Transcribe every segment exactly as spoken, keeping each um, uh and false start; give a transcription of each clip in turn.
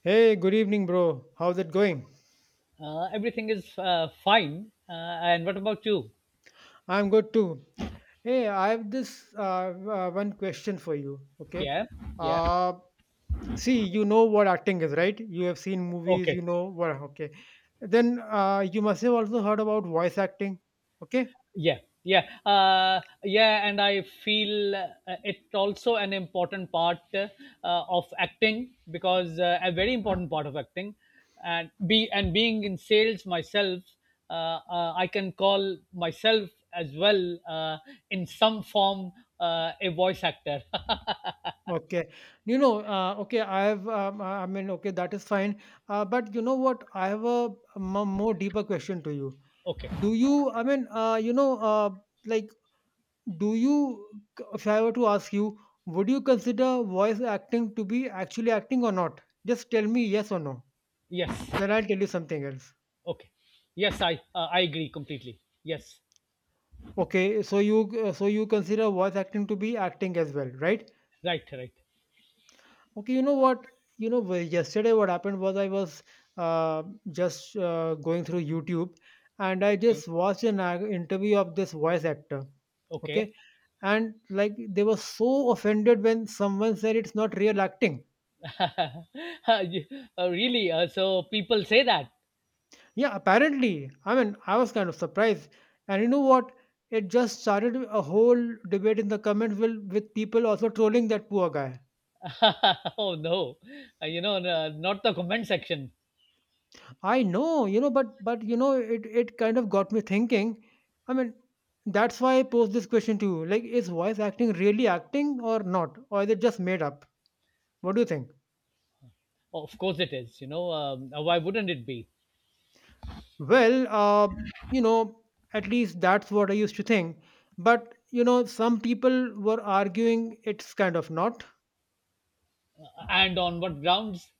Hey, good evening, bro. How's it going? Uh, everything is uh, fine. Uh, and what about you? I'm good too. Hey, I have this uh, uh, one question for you. Okay. Yeah, yeah. Uh, see, you know what acting is, right? You have seen movies, Okay. you know what. Okay. Then uh, you must have also heard about voice acting. Okay. Yeah, yeah. Uh, yeah, and I feel uh, it also an important part uh, of acting because uh, a very important part of acting and be and being in sales myself, uh, uh, I can call myself as well uh, in some form uh, a voice actor. Okay. You know, uh, okay, I have, um, uh, I mean, okay, that is fine. Uh, but you know what? I have a, m- more deeper question to you. Okay. Do you, I mean, uh, you know, uh, like, Do you, If I were to ask you, would you consider voice acting to be actually acting or not? Just tell me yes or no. Yes. Then I'll tell you something else. Okay. Yes, I uh, I agree completely. Yes. Okay, so you uh, so you consider voice acting to be acting as well, right? Right, right. Okay, you know what? You know, well, yesterday what happened was I was uh, just uh, going through YouTube, and I Okay. just watched an uh, interview of this voice actor. Okay. Okay, and like they were so offended when someone said it's not real acting. Uh, you- uh, Really? Uh, so people say that? Yeah, apparently. I mean, I was kind of surprised. And you know what? It just started a whole debate in the comments with, with people also trolling that poor guy. Oh no. Uh, you know, uh, not the comment section. I know, you know, but but you know, it it kind of got me thinking. I mean, that's why I posed this question to you. Like, is voice acting really acting or not? Or is it just made up? What do you think? Of course it is. You know, um, uh, why wouldn't it be? Well, uh, you know, at least that's what I used to think. But, you know, some people were arguing it's kind of not. And on what grounds?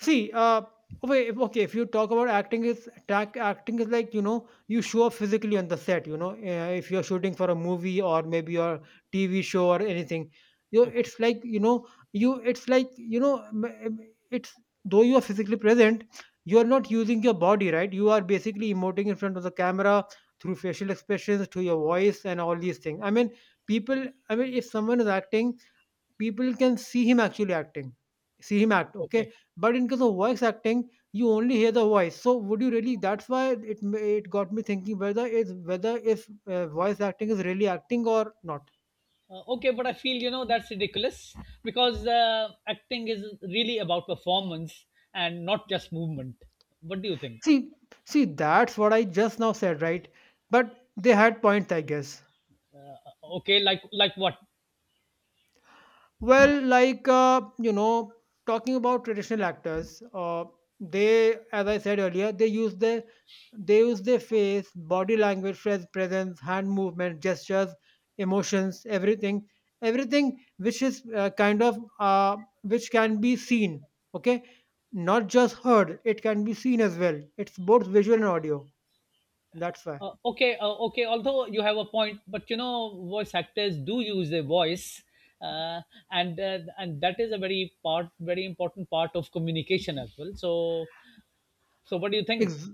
See, uh, okay, okay. If you talk about acting, is tac- acting is like you know you show up physically on the set. You know, uh, if you're shooting for a movie or maybe your T V show or anything, you Okay. it's like you know you it's like you know m- m- it's though you are physically present, you are not using your body, right? You are basically emoting in front of the camera through facial expressions, through your voice, and all these things. I mean, people. I mean, if someone is acting people can see him actually acting see him act. Okay, Okay. but in case of voice acting you only hear the voice, so would you really, that's why it ma- it got me thinking whether is whether if uh, voice acting is really acting or not. Uh, okay, but I feel you know that's ridiculous because uh, acting is really about performance and not just movement. What do you think? See see that's what I just now said, right? But they had points, I guess. Uh, Okay, like like what? Well, like uh, you know, talking about traditional actors, uh, they, as I said earlier, they use their they use their face, body language, pres- presence, hand movement, gestures, emotions, everything, everything which is uh, kind of uh, which can be seen. Okay, not just heard; it can be seen as well. It's both visual and audio. That's why. Uh, okay, uh, okay. Although you have a point, but you know, voice actors do use their voice, uh, and uh, and that is a very part, very important part of communication as well. So, so what do you think? Ex-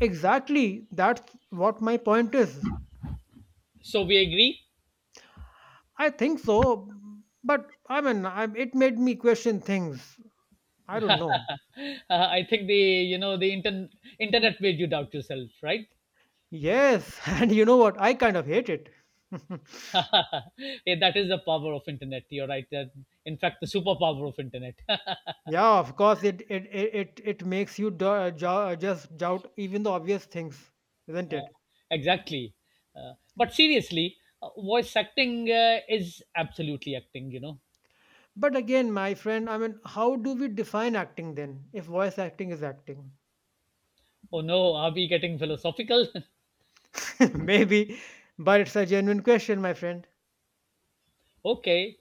exactly. That's what my point is. So we agree. I think so, but I mean, I, it made me question things. I don't know. Uh, I think the you know the intern internet made you doubt yourself, right? Yes, and you know what? I kind of hate it. Yeah, that is the power of internet. You're right. That In fact, the superpower of internet. Yeah, of course, it it it it, it makes you do, jo- just doubt even the obvious things, isn't Uh, it? exactly. Uh, but seriously, uh, voice acting uh, is absolutely acting. You know, But again, my friend, I mean, how do we define acting then? If voice acting is acting. oh no, are we getting philosophical? Maybe, but it's a genuine question, my friend. Okay,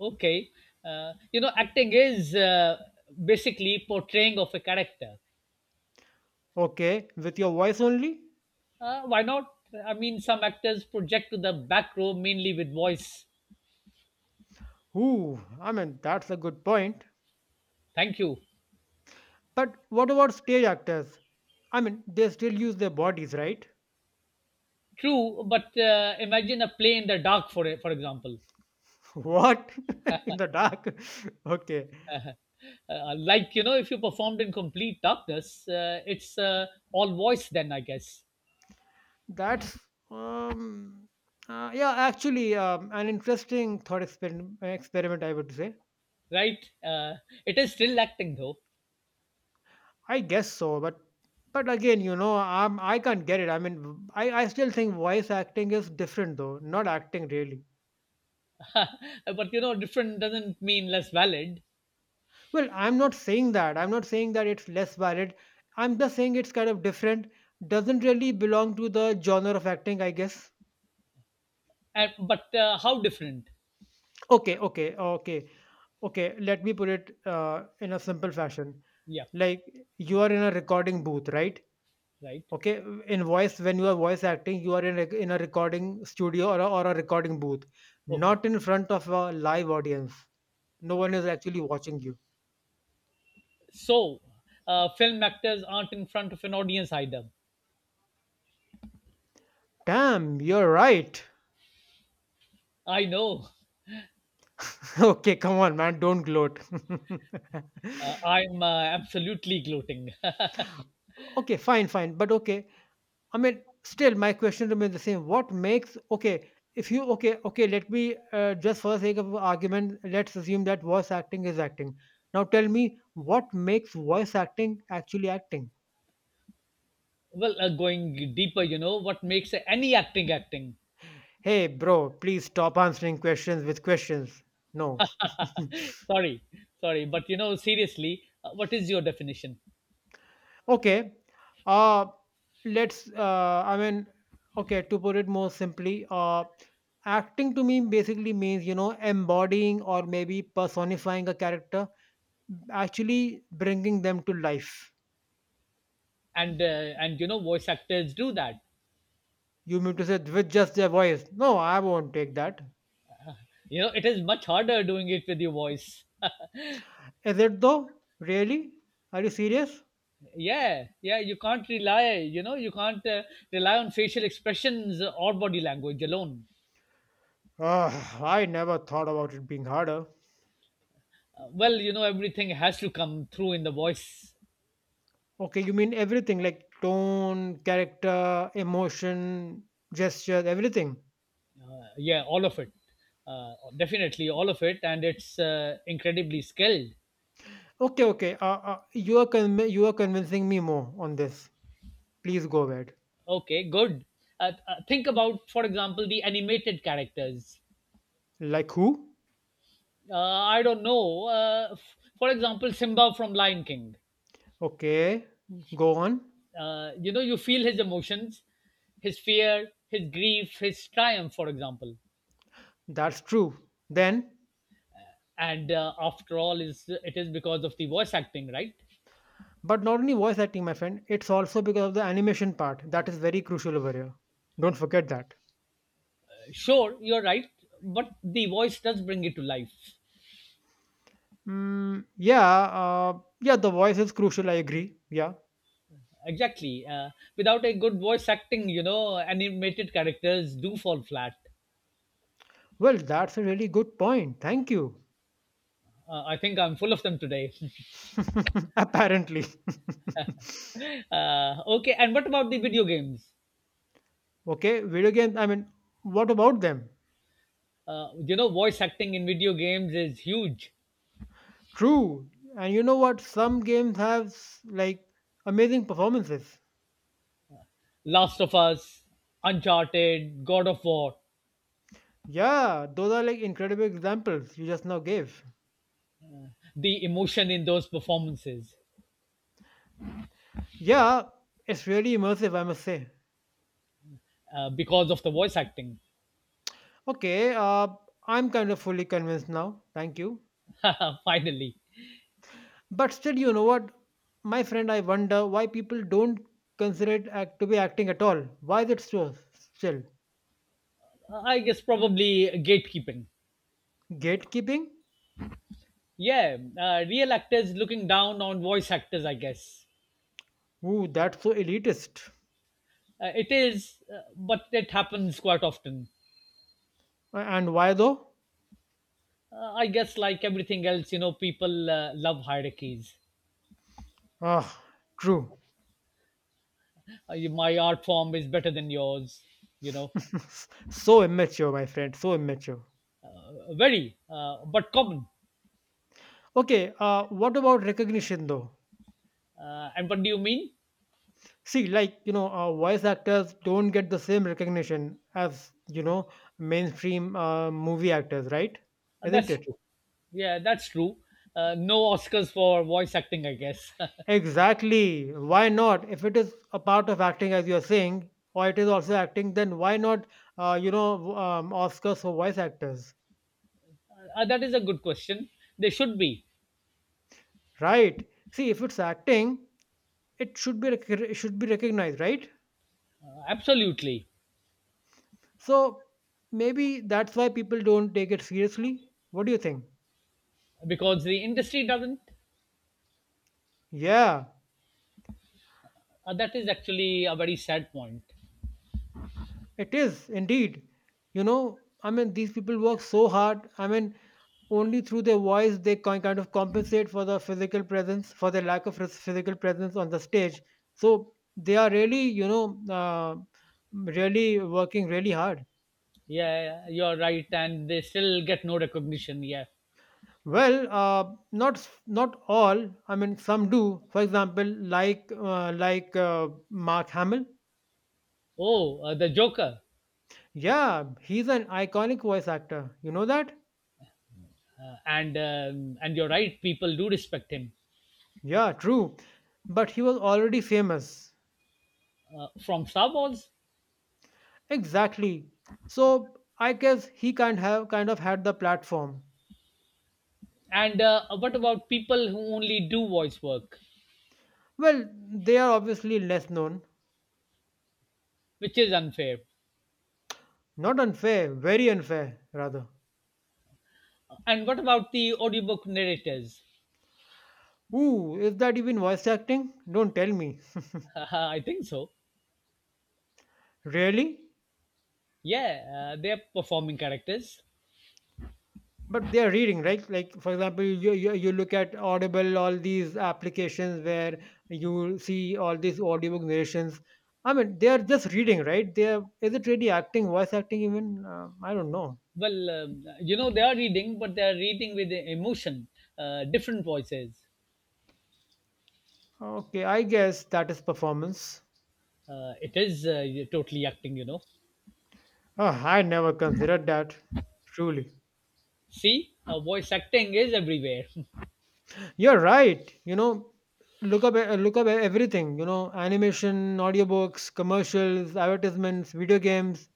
okay. Uh, you know, acting is uh, basically portraying of a character. Okay, with your voice only? Uh, why not? I mean, some actors project to the back row mainly with voice. Ooh, I mean, that's a good point. Thank you. But what about stage actors? I mean, they still use their bodies, right? True, but uh, imagine a play in the dark, for for example. What? In the dark? Okay. Uh, like you know, if you performed in complete darkness, uh, it's uh, all voice then, I guess, That's, um, uh, yeah, actually, um, an interesting thought experiment, experiment, I would say. right? Uh, it is still acting though. I guess so, but but again, you know, I'm, I I can not get it. I mean, I, I still think voice acting is different, though, not acting really. But you know, different doesn't mean less valid. Well, I'm not saying that. I'm not saying that it's less valid. I'm just saying it's kind of different. Doesn't really belong to the genre of acting, I guess. And but uh, how different? Okay, okay, okay. Okay, let me put it uh, in a simple fashion. Yeah, Like you are in a recording booth, right? right. Okay, in voice, when you are voice acting, you are in a, in a recording studio or a, or a recording booth, okay not in front of a live audience. No one is actually watching you. so uh, film actors aren't in front of an audience either. Damn, you're right. I know. Okay, come on, man, don't gloat. Uh, i'm uh, absolutely gloating. Okay, fine, fine, but okay. I mean, still, my question remains the same. What makes okay? If you okay, okay, let me uh, just for the sake of argument, let's assume that voice acting is acting. Now tell me, what makes voice acting actually acting? Well uh, going deeper, you know, what makes any acting acting? Hey, bro, please stop answering questions with questions. No. Sorry sorry but you know, seriously, uh, what is your definition? Okay. Uh, let's. Uh, I mean, okay. To put it more simply, uh, acting to me basically means you know embodying or maybe personifying a character, actually bringing them to life. And uh, and you know, voice actors do that. You mean to say with just their voice? No, I won't take that. You know, it is much harder doing it with your voice. Is it though? Really? Are you serious? Yeah, yeah, you can't rely, you know, you can't uh, rely on facial expressions or body language alone. Ah, I never thought about it being harder. Uh, well you know, everything has to come through in the voice. Okay, you mean everything like tone, character, emotion, gestures, everything. Uh, yeah all of it, uh, definitely all of it, and it's uh, incredibly skilled. Okay, okay. Uh, uh, you are conv- you are convincing me more on this. Please go ahead. Okay, good. Uh, uh, think about, for example, the animated characters. Like who? Uh, i don't know. Uh, f- for example, Simba from Lion King. Okay, go on. Uh, you know, you feel his emotions, his fear, his grief, his triumph, for example. That's true. Then. And uh, after all is it is because of the voice acting, right? But not only voice acting, my friend, it's also because of the animation part that is very crucial over here. Don't forget that. Sure, you're right. But the voice does bring it to life. Mm, yeah, uh, yeah, the voice is crucial. I agree. Yeah. Exactly. Uh, without a good voice acting, you know, animated characters do fall flat. Well, that's a really good point. Thank you. Uh, i think I'm full of them today. Apparently. uh, okay and what about the video games? Okay, video games. I mean, what about them? Uh, you know, voice acting in video games is huge. True. And you know what? Some games have like amazing performances. Last of Us, Uncharted, God of War. Yeah, those are like incredible examples you just now gave. The emotion in those performances, Yeah, it's really immersive, I must say. uh, because of the voice acting. Okay, uh, I'm kind of fully convinced now. Thank you. Finally. But still, you know what, my friend, I wonder why people don't consider it act- to be acting at all. Why is it so still I guess probably gatekeeping. gatekeeping? Yeah, uh, real actors looking down on voice actors, I guess. Ooh, that's so elitist. Uh, it is, uh, but it happens quite often. A- And why though? Uh, I guess, like everything else, you know, people uh, love hierarchies. Ah, true. Uh, you- my art form is better than yours, you know. So immature, my friend. So immature. Uh, very, uh, but common. Okay, uh, what about recognition though? Uh, and what do you mean? See, like, you know, uh, voice actors don't get the same recognition as, you know, mainstream uh, movie actors, right? Uh, Isn't that's it? true. Yeah, that's true. Uh, no Oscars for voice acting, I guess. Uh, Exactly, why not? If it is a part of acting, as you're saying, or it is also acting, then why not uh, you know w- um, Oscars for voice actors? that is a good question. They should be. Right, see, if it's acting it should be rec- it should be recognized, right? Uh, absolutely. So maybe that's why people don't take it seriously. What do you think? Because the industry doesn't. Yeah. Uh, that is actually a very sad point. It is indeed. You know, I mean, these people work so hard. I mean, only through their voice they ki- kind of compensate for the physical presence, for the lack of phys- physical presence on the stage. So they are really, you know, uh, really working really hard. Yeah, you're right, and they still get no recognition. Yeah. Well, uh, not s- not all. I mean, some do. For example, like uh, like uh, Mark Hamill. Oh, uh, the Joker, Yeah, he's an iconic voice actor. You know that? uh, and um, and you're right. People do respect him Yeah, true. But he was already famous. uh, from Star Wars. Exactly. So I guess he kind have kind of had the platform. And uh, what about people who only do voice work, Well, they are obviously less known. which is unfair? Not unfair, very unfair, rather. And what about the audiobook narrators? Ooh, is that even voice acting? Don't tell me. I think so. Really? Yeah, uh, they're performing characters. But they are reading, right? Like, for example, you, you, you look at Audible, all these applications where you see all these audiobook narrations. I mean, they are just reading, right? They are, is it really acting, voice acting even? Uh, I don't know. Well, um, you know, they are reading, but they are reading with emotion, uh, different voices. Okay, I guess that is performance. Uh, it is uh, totally acting, you know. Oh, I never considered that. Truly, See, uh, voice acting is everywhere. you're right. You know, look up uh, look up everything. You know, animation, audiobooks, commercials, advertisements, video games.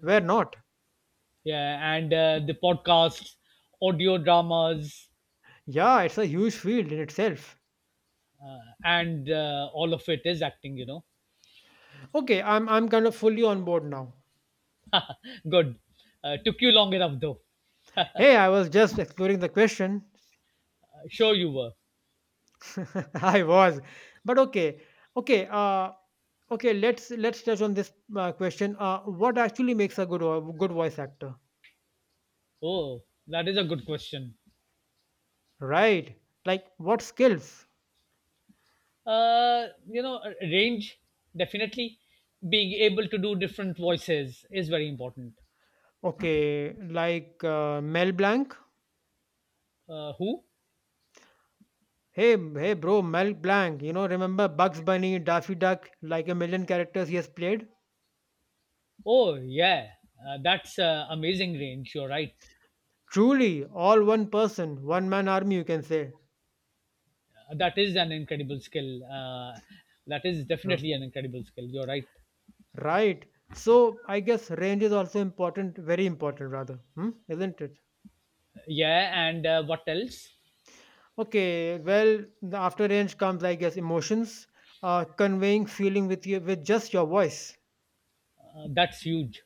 Where not? Yeah, and uh, the podcasts, audio dramas, Yeah, it's a huge field in itself. uh, and uh, all of it is acting, you know. Okay, I'm I'm kind of fully on board now. Good. Uh, took you long enough, though. Hey, I was just exploring the question. Uh, sure, you were. I was, but okay, okay, uh, okay. Let's let's touch on this uh, question. Uh, what actually makes a good vo- good voice actor? Oh, that is a good question. Right, like what skills? Uh, you know, range, definitely. Being able to do different voices is very important. Okay, like, uh, Mel Blanc? Uh, who? "Hey, hey bro, Mel Blanc, you know, remember Bugs Bunny, Daffy Duck, like a million characters he has played? Oh, yeah. Uh, that's uh, amazing range. You're right. Truly, all one person, one man army, you can say. Uh, that is an incredible skill. Uh, that is R- definitely an incredible skill. You're right. Right. So I guess range is also important, very important rather, hmm? Isn't it? Yeah, and uh, what else? Okay, well, the after range comes, I guess, emotions, uh, conveying feeling with you with just your voice. Uh, that's huge.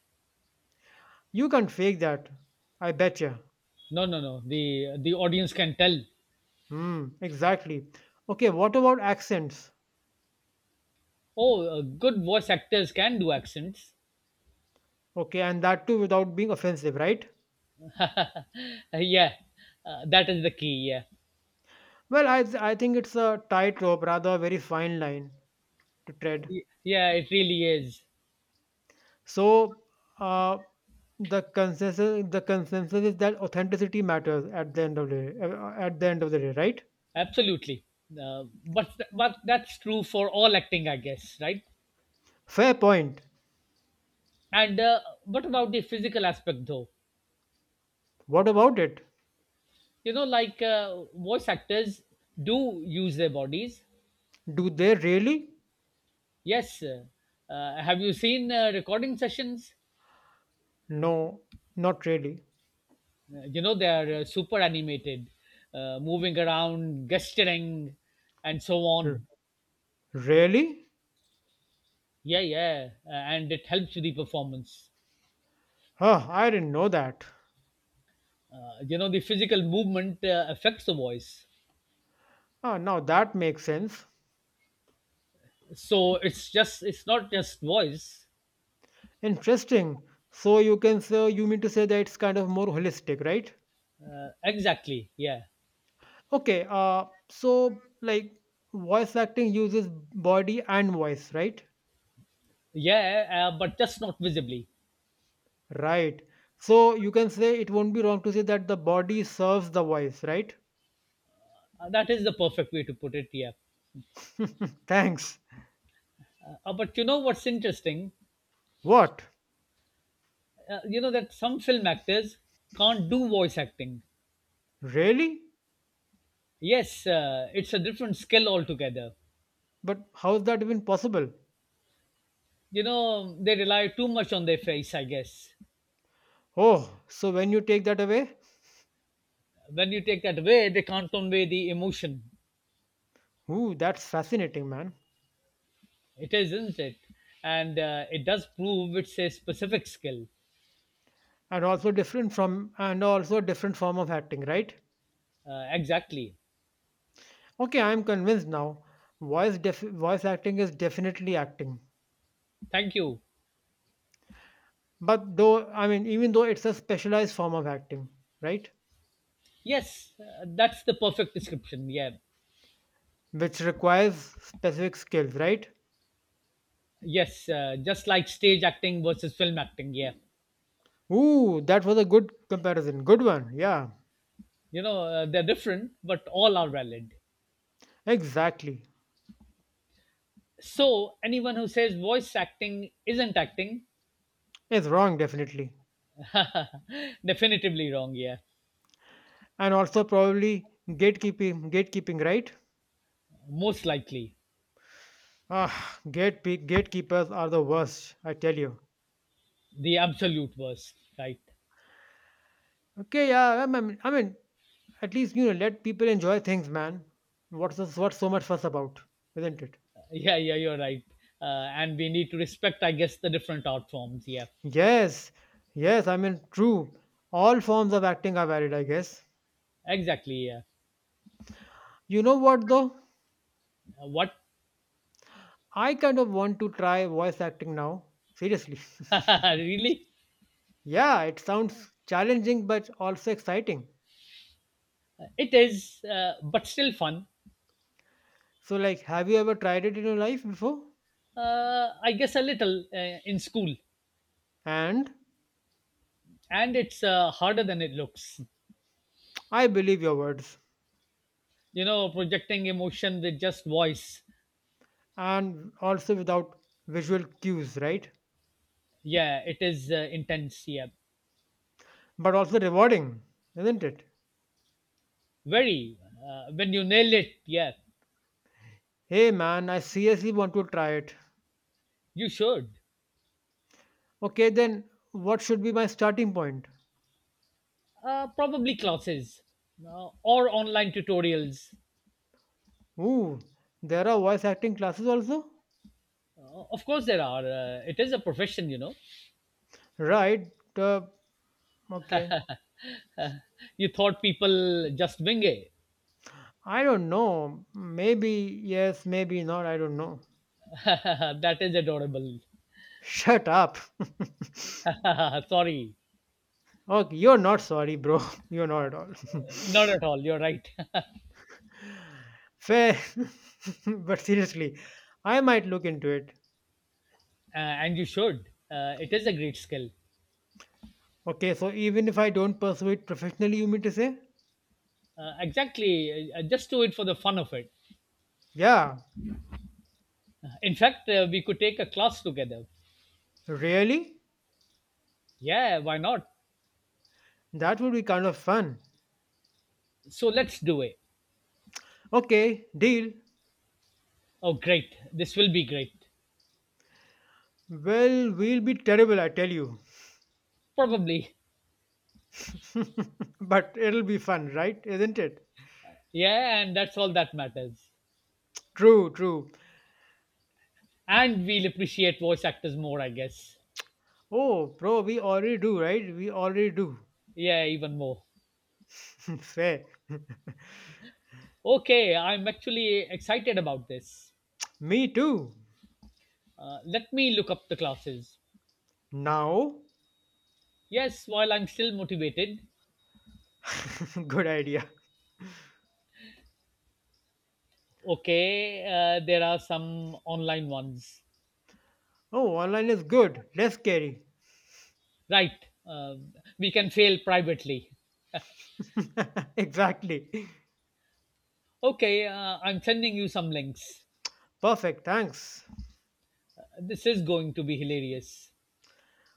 You can't fake that. I bet you. No, no, no. The the audience can tell. Hmm, exactly. Okay, what about accents? Oh, uh, good voice actors can do accents. Okay, and that too without being offensive, right? Uh, yeah, uh, that is the key. Yeah. Well, I, I think it's a tightrope, rather a very fine line to tread. Y- yeah, it really is. So, uh, the consensus the consensus is that authenticity matters at the end of the day, uh, uh, at the end of the day, right? Absolutely. Uh, but th- but that's true for all acting, I guess, right? Fair point. And uh, what about the physical aspect, though? What about it? You know, like, uh, voice actors do use their bodies. Do they really? Yes, uh, uh, have you seen uh, recording sessions? No, not really. Uh, you know, they are uh, super animated, uh, moving around, gesturing, and so "R- on. Really? Yeah, yeah. Uh, and it helps with the performance. Huh, I didn't know that. Uh, you know, the physical movement uh, affects the voice. Ah, now that makes sense. So it's just it's not just voice. Interesting. So you can say you mean to say that it's kind of more holistic, right? Uh, exactly. Yeah, Okay, uh, so like voice acting uses body and voice, right? yeah, uh, but just not visibly. Right. So you can say it won't be wrong to say that the body serves the voice, right? Uh, that is the perfect way to put it, yeah. Thanks. Uh, but you know what's interesting? What? Uh, you know that some film actors can't do voice acting. Really? Yes, uh, it's a different skill altogether. But how's that even possible? You know, they rely too much on their face, I guess. Oh, so when you take that away, When you take that away, they can't convey the emotion. ooh, that's fascinating, man. It is, isn't it? And uh, it does prove it's a specific skill. And also different from and also a different form of acting, right? Uh, exactly. Okay, I'm convinced now. Voice def- voice acting is definitely acting. Thank you. But though, I mean, even though it's a specialized form of acting, right? Yes, uh, that's the perfect description. Yeah. Which requires specific skills, right? Yes, uh, just like stage acting versus film acting. Yeah. Ooh, that was a good comparison. Good one. Yeah, You know, uh, they're different, but all are valid. exactly. So, anyone who says voice acting isn't acting, It's wrong, definitely. definitively wrong. Yeah, And also, probably gatekeeping, gatekeeping, right? most likely Ah, gate gatekeepers are the worst, I tell you. the absolute worst. Right? Okay, yeah, I mean, I mean, at least, you know, let people enjoy things, man. What's this, what's so much fuss about, isn't it? Yeah, yeah, you're right. Uh, and we need to respect, I guess, the different art forms. Yeah, Yes, yes, I mean, true. All forms of acting are valid, I guess. exactly. Yeah. You know what, though? Uh, what? I kind of want to try voice acting now. Seriously. Really? Yeah, it sounds challenging but also exciting. It is, uh, but still fun. So, like, have you ever tried it in your life before? Uh, I guess a little uh, in school, And and it's uh, harder than it looks. I believe your words. You know, projecting emotion with just voice. And also without visual cues, right? Yeah, it is uh, intense, yeah. But also rewarding, isn't it? Very. Uh, when you nail it, yeah. Hey, man, I seriously want to try it. You should. Okay, then what should be my starting point? Uh, probably classes uh, or online tutorials. Ooh, there are voice acting classes also? Uh, of course, there are. Uh, it is a profession, you know. Right. Uh, okay. You thought people just wing it. I don't know. Maybe yes, maybe not. I don't know. That is adorable. Shut up. Sorry. Okay, you're not sorry, bro. You're not at all. Not at all. You're right. uh, Fair. But seriously, I might look into it. and you should. Uh, it is a great skill. Okay, so even if I don't pursue it professionally, you mean to say? Uh, exactly. Uh, uh, just do it for the fun of it. Yeah. In fact, uh, we could take a class together. Really? Yeah, why not? That would be kind of fun. So let's do it. Okay, deal. Oh, great. This will be great. Well, we'll be terrible, I tell you. Probably. But it'll be fun, right? Isn't it? Yeah, and that's all that matters. True, true. And we'll appreciate voice actors more, I guess. Oh, bro, we already do, right? We already do. Yeah, even more. Fair. Okay, I'm actually excited about this. Me too. Uh, let me look up the classes. Now, Yes, while I'm still motivated, good idea. okay, uh, there are some online ones. Oh, online is good, less scary. Right, uh, we can fail privately. Exactly. Okay, uh, I'm sending you some links. Perfect, thanks. This is going to be hilarious.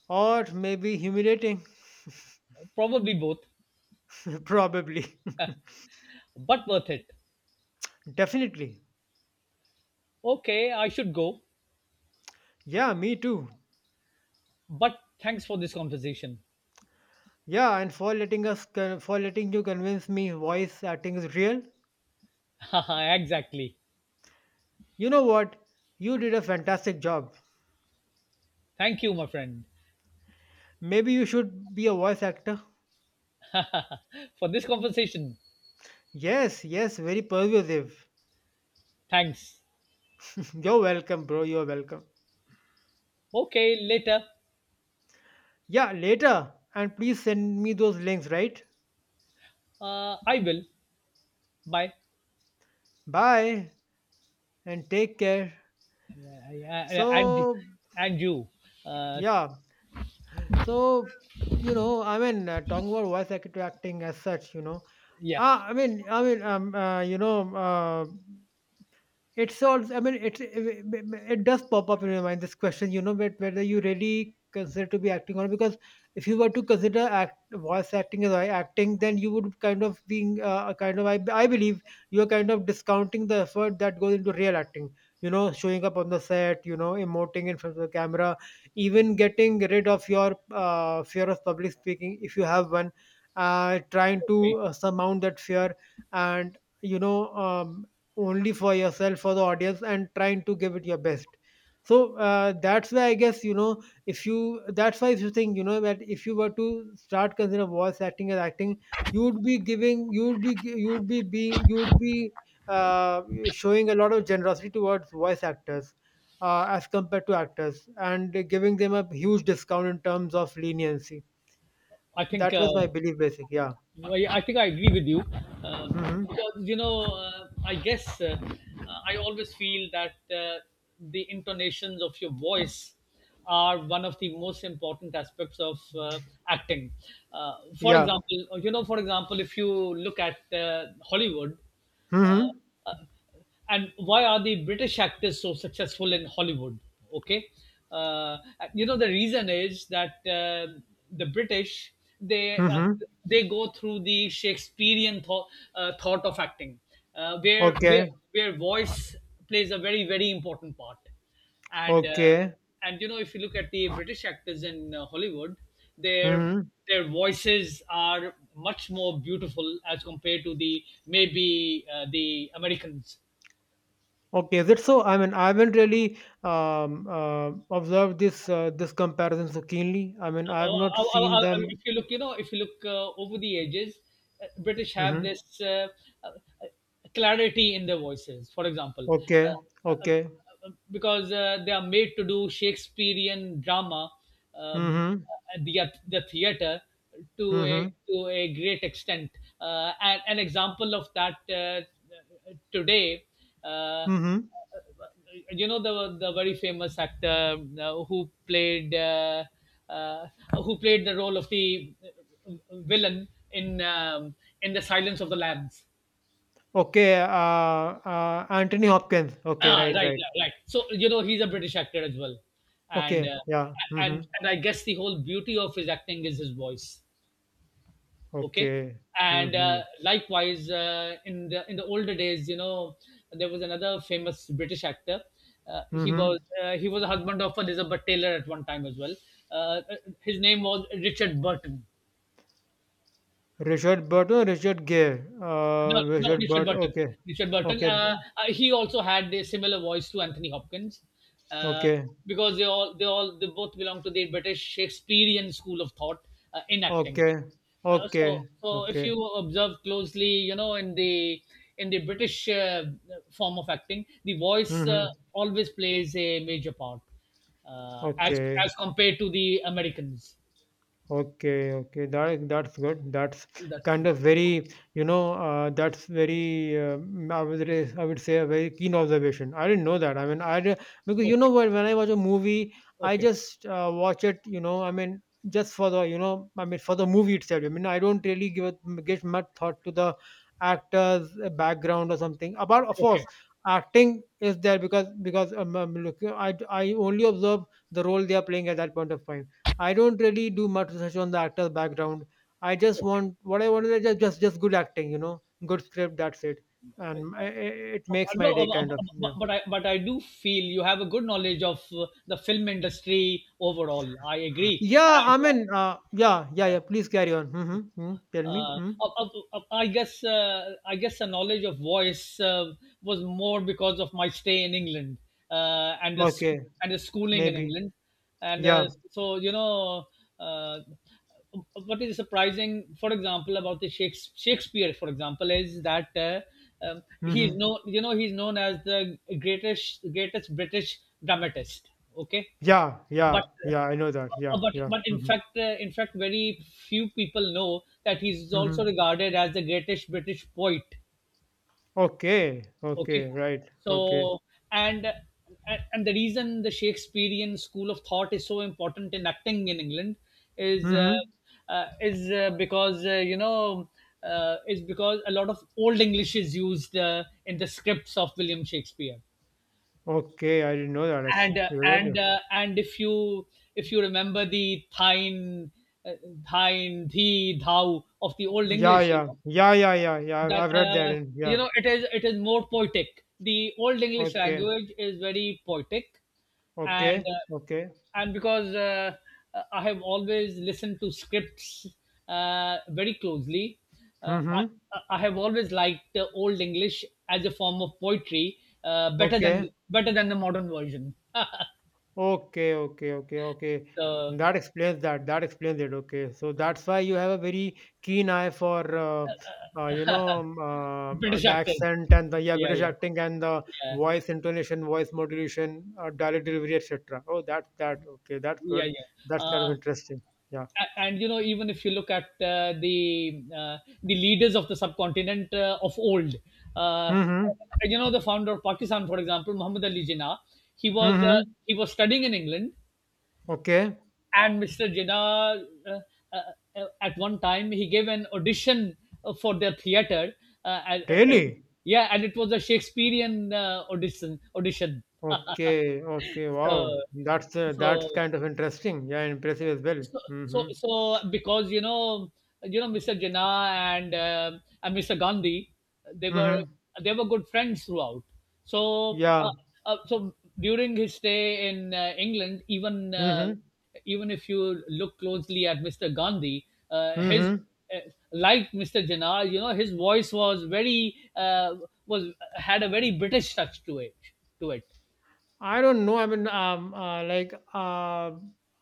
Or maybe humiliating. Probably both, Probably. but worth it. Definitely. Okay, I should go. Yeah, me too. But thanks for this conversation. Yeah, and for letting us, con- for letting you convince me voice acting is real. Exactly. You know what? You did a fantastic job. Thank you, my friend, Maybe you should be a voice actor. for this conversation. Yes, yes, very persuasive. Thanks. You're welcome, bro. You're welcome. Okay, later. Yeah, later. And please send me those links, right? Uh, I will. Bye. Bye and take care. Yeah, yeah, yeah, yeah. And So, and you. Uh, yeah. So, you know, I mean, uh, talking about voice actor acting as such, you know. yeah. Ah, I mean, I mean, um, uh, you know, uh, it's also, i mean it it does pop up in your mind this question, you know, but whether you really consider to be acting or not. Because if you were to consider act, voice acting as I- acting, then you would kind of being uh, a kind of, I, I believe you're kind of discounting the effort that goes into real acting, you know, showing up on the set, you know, emoting in front of the camera, even getting rid of your uh, fear of public speaking if you have one, uh, trying Okay. to uh, surmount that fear and, you know, um, only for yourself, for the audience, and trying to give it your best. So uh, that's why, I guess, you know, if you that's why, if you think, you know, that if you were to start consider voice acting as acting, you would be giving you would be gi- you would be being you would be uh, showing a lot of generosity towards voice actors, uh, as compared to actors, and giving them a huge discount in terms of leniency. I think. That was my Uh, belief, basic yeah. I, I think I agree with you uh, Mm-hmm. because you know, uh, I guess, uh, uh, I always feel that uh, the intonations of your voice are one of the most important aspects of uh, acting. Uh, for Yeah. example, uh, you know, for example, if you look at uh, Hollywood, uh, Mm-hmm. uh, and why are the British actors so successful in Hollywood? Okay, uh, you know the reason is that uh, the British, they uh, Mm-hmm. they go through the Shakespearean thought, uh, thought of acting, uh, where Okay, where where voice plays a very very important part, and uh, okay. and you know, if you look at the British actors in uh, Hollywood, their Hmm. their voices are much more beautiful as compared to the maybe uh, the Americans. Okay, is it so? I mean, I haven't really um, uh, observed this uh, this comparison so keenly. I mean, Oh, I have oh, not oh, seen oh, oh, if them. you look, you know, if you look uh, over the edges, uh, British have Hmm. this uh, uh, clarity in their voices. For example, Okay, uh, uh, okay. uh, because uh, they are made to do Shakespearean drama, um, Hmm. uh, the the theater to Hmm. a to a great extent. Uh, and an example of that uh, today. Uh, uh, Hmm. you know the the very famous actor uh, who played uh, uh, who played the role of the villain in um, in the Silence of the Lambs. Okay, uh, uh, Anthony Hopkins. Okay, Ah, right, right, right. right, right. So you know he's a British actor as well, and Okay, uh, yeah. and Hmm. and I guess the whole beauty of his acting is his voice. Okay. Okay. And uh, Hmm. likewise uh, in the in the older days, you know, there was another famous british actor. Uh, he hmm. Was uh, he was a husband of elizabeth taylor at one time as well. uh, his name was richard burton. Richard Burton, no, Richard Gere. Uh, No, no, Richard Richard Burton. Burton. Okay, Richard Burton. okay, Uh, uh, he also had a similar voice to Anthony Hopkins, uh, okay, because they all, they all, they both belong to the British Shakespearean school of thought uh, in acting. okay, Uh, okay, so, so if okay. you observe closely, you know, in the in the British uh, form of acting, the voice uh, Hmm. always plays a major part, uh, as Okay, as compared to the Americans. okay, okay. That that's good. That's That's kind it. of very, you know, uh, that's very. Um, I would re- I would say a very keen observation. I didn't know that. I mean, I re- because, you know Okay, what, when I watch a movie, I okay, just uh, watch it. You know, I mean, just for the, you know, I mean, for the movie itself. I mean, I don't really give a, give much thought to the actor's uh, background or something. About of okay, course, acting is there because because um, um, look, I I only observe the role they are playing at that point of time. I don't really do much research on the actor's background. I just okay. want, what I want is just just just good acting, you know, good script. That's it, and I- I- it makes my day No, kind of. but Yeah, but I but I do feel you have a good knowledge of uh, the film industry overall. I agree, yeah. and I uh, mean, uh, yeah, yeah, yeah. yeah. Please carry on. Mm-hmm, mm. Tell me. Uh, hmm. uh, uh, I guess uh, I guess the knowledge of voice uh, was more because of my stay in England uh, and the s- Okay, and the schooling in maybe. England, and uh, Yeah. so you know, uh, what is surprising, for example, about the Shakes- Shakespeare, for example, is that, uh, um, he's Mm-hmm. known, you know, he's known as the greatest greatest British dramatist. Okay, Yeah, yeah, but uh, yeah. I know that. Yeah, uh, but yeah. but in Mm-hmm. fact, uh, in fact very few people know that he's also Mm-hmm. regarded as the greatest british poet. Okay, Okay, okay, right. Okay. so. And and and the reason the shakespearean school of thought is so important in acting in england is uh, Mm-hmm. uh, is uh, because, uh, you know, uh, is because a lot of old english is used uh, in the scripts of william shakespeare. Okay, I didn't know that actually. and uh, Really? And uh, and if you, if you remember the thine, uh, thine the thou of the old Yeah, english, you yeah, know, yeah, yeah, yeah, yeah. I've that I've read that, uh, and you yeah, know it is it is more poetic. The old english okay, language is very poetic. and okay, uh, okay. and because, uh, I have always listened to scripts uh, very closely. uh, I, Mm-hmm. I have always liked uh, old english as a form of poetry uh, better than, Okay, better than the modern version. okay, okay, okay, okay. The That explains that. That explains it. Okay, so that's why you have a very keen eye for, uh, uh, you know, um, uh, british the actors, accent and the, yeah, yeah, British yeah, acting and the yeah, voice intonation, voice modulation, uh, dialect delivery, et cetera. Oh, that's that. Okay, that's yeah, good. yeah. That's kind of uh, interesting. Yeah. A- and you know, even if you look at uh, the uh, the leaders of the subcontinent uh, of old, uh, Mm-hmm. you know, the founder of pakistan, for example, muhammad ali jinnah. He was, uh, Mm-hmm. he was studying in england. Okay. And mr jinnah, uh, uh, uh, at one time he gave an audition uh, for their theater, uh, and, uh, Really? yeah, and it was a shakespearean uh, audition audition. Okay, okay, so wow. That's uh, so that's kind of interesting. Yeah, impressive as well. so so Mm-hmm. so because, you know, you know, mister Jinnah and, uh, and mister Gandhi, they were, Mm-hmm. they were good friends throughout. So uh, Yeah. uh, so during his stay in uh, England, even, uh, Mm-hmm. even if you look closely at mister Gandhi, uh, his Mm-hmm. uh, like mister Jinnah, you know, his voice was very uh, was had a very British touch to it. To it. I don't know. I mean, um, uh, like, uh,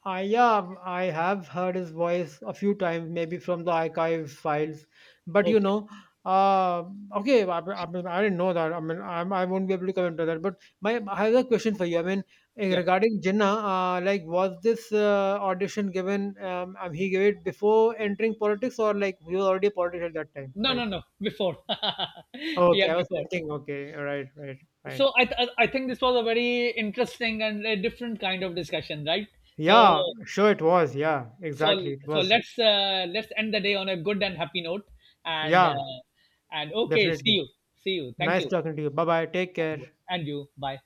I, yeah, I have heard his voice a few times, maybe from the archive files. But you Okay. know, uh, okay, I, I mean, I didn't know that. I mean, I, I won't be able to comment on that. But my, I have a question for you. I mean, eh, Yeah. regarding Jinnah, uh, like, was this uh, audition given? Um, um, he gave it before entering politics, or like he was already a politician at that time? No, Like, no, no. Before. okay, Yeah, I was before. thinking. Okay, all right, right, right. So I, th- I think this was a very interesting and a different kind of discussion, right? so Yeah, sure, it was. Yeah, so exactly, it so was. let's, uh, let's end the day on a good and happy note, and Yeah, uh, and okay, see definitely. you. See you, thank Nice you, talking to you. Bye bye. Take care. and you, bye.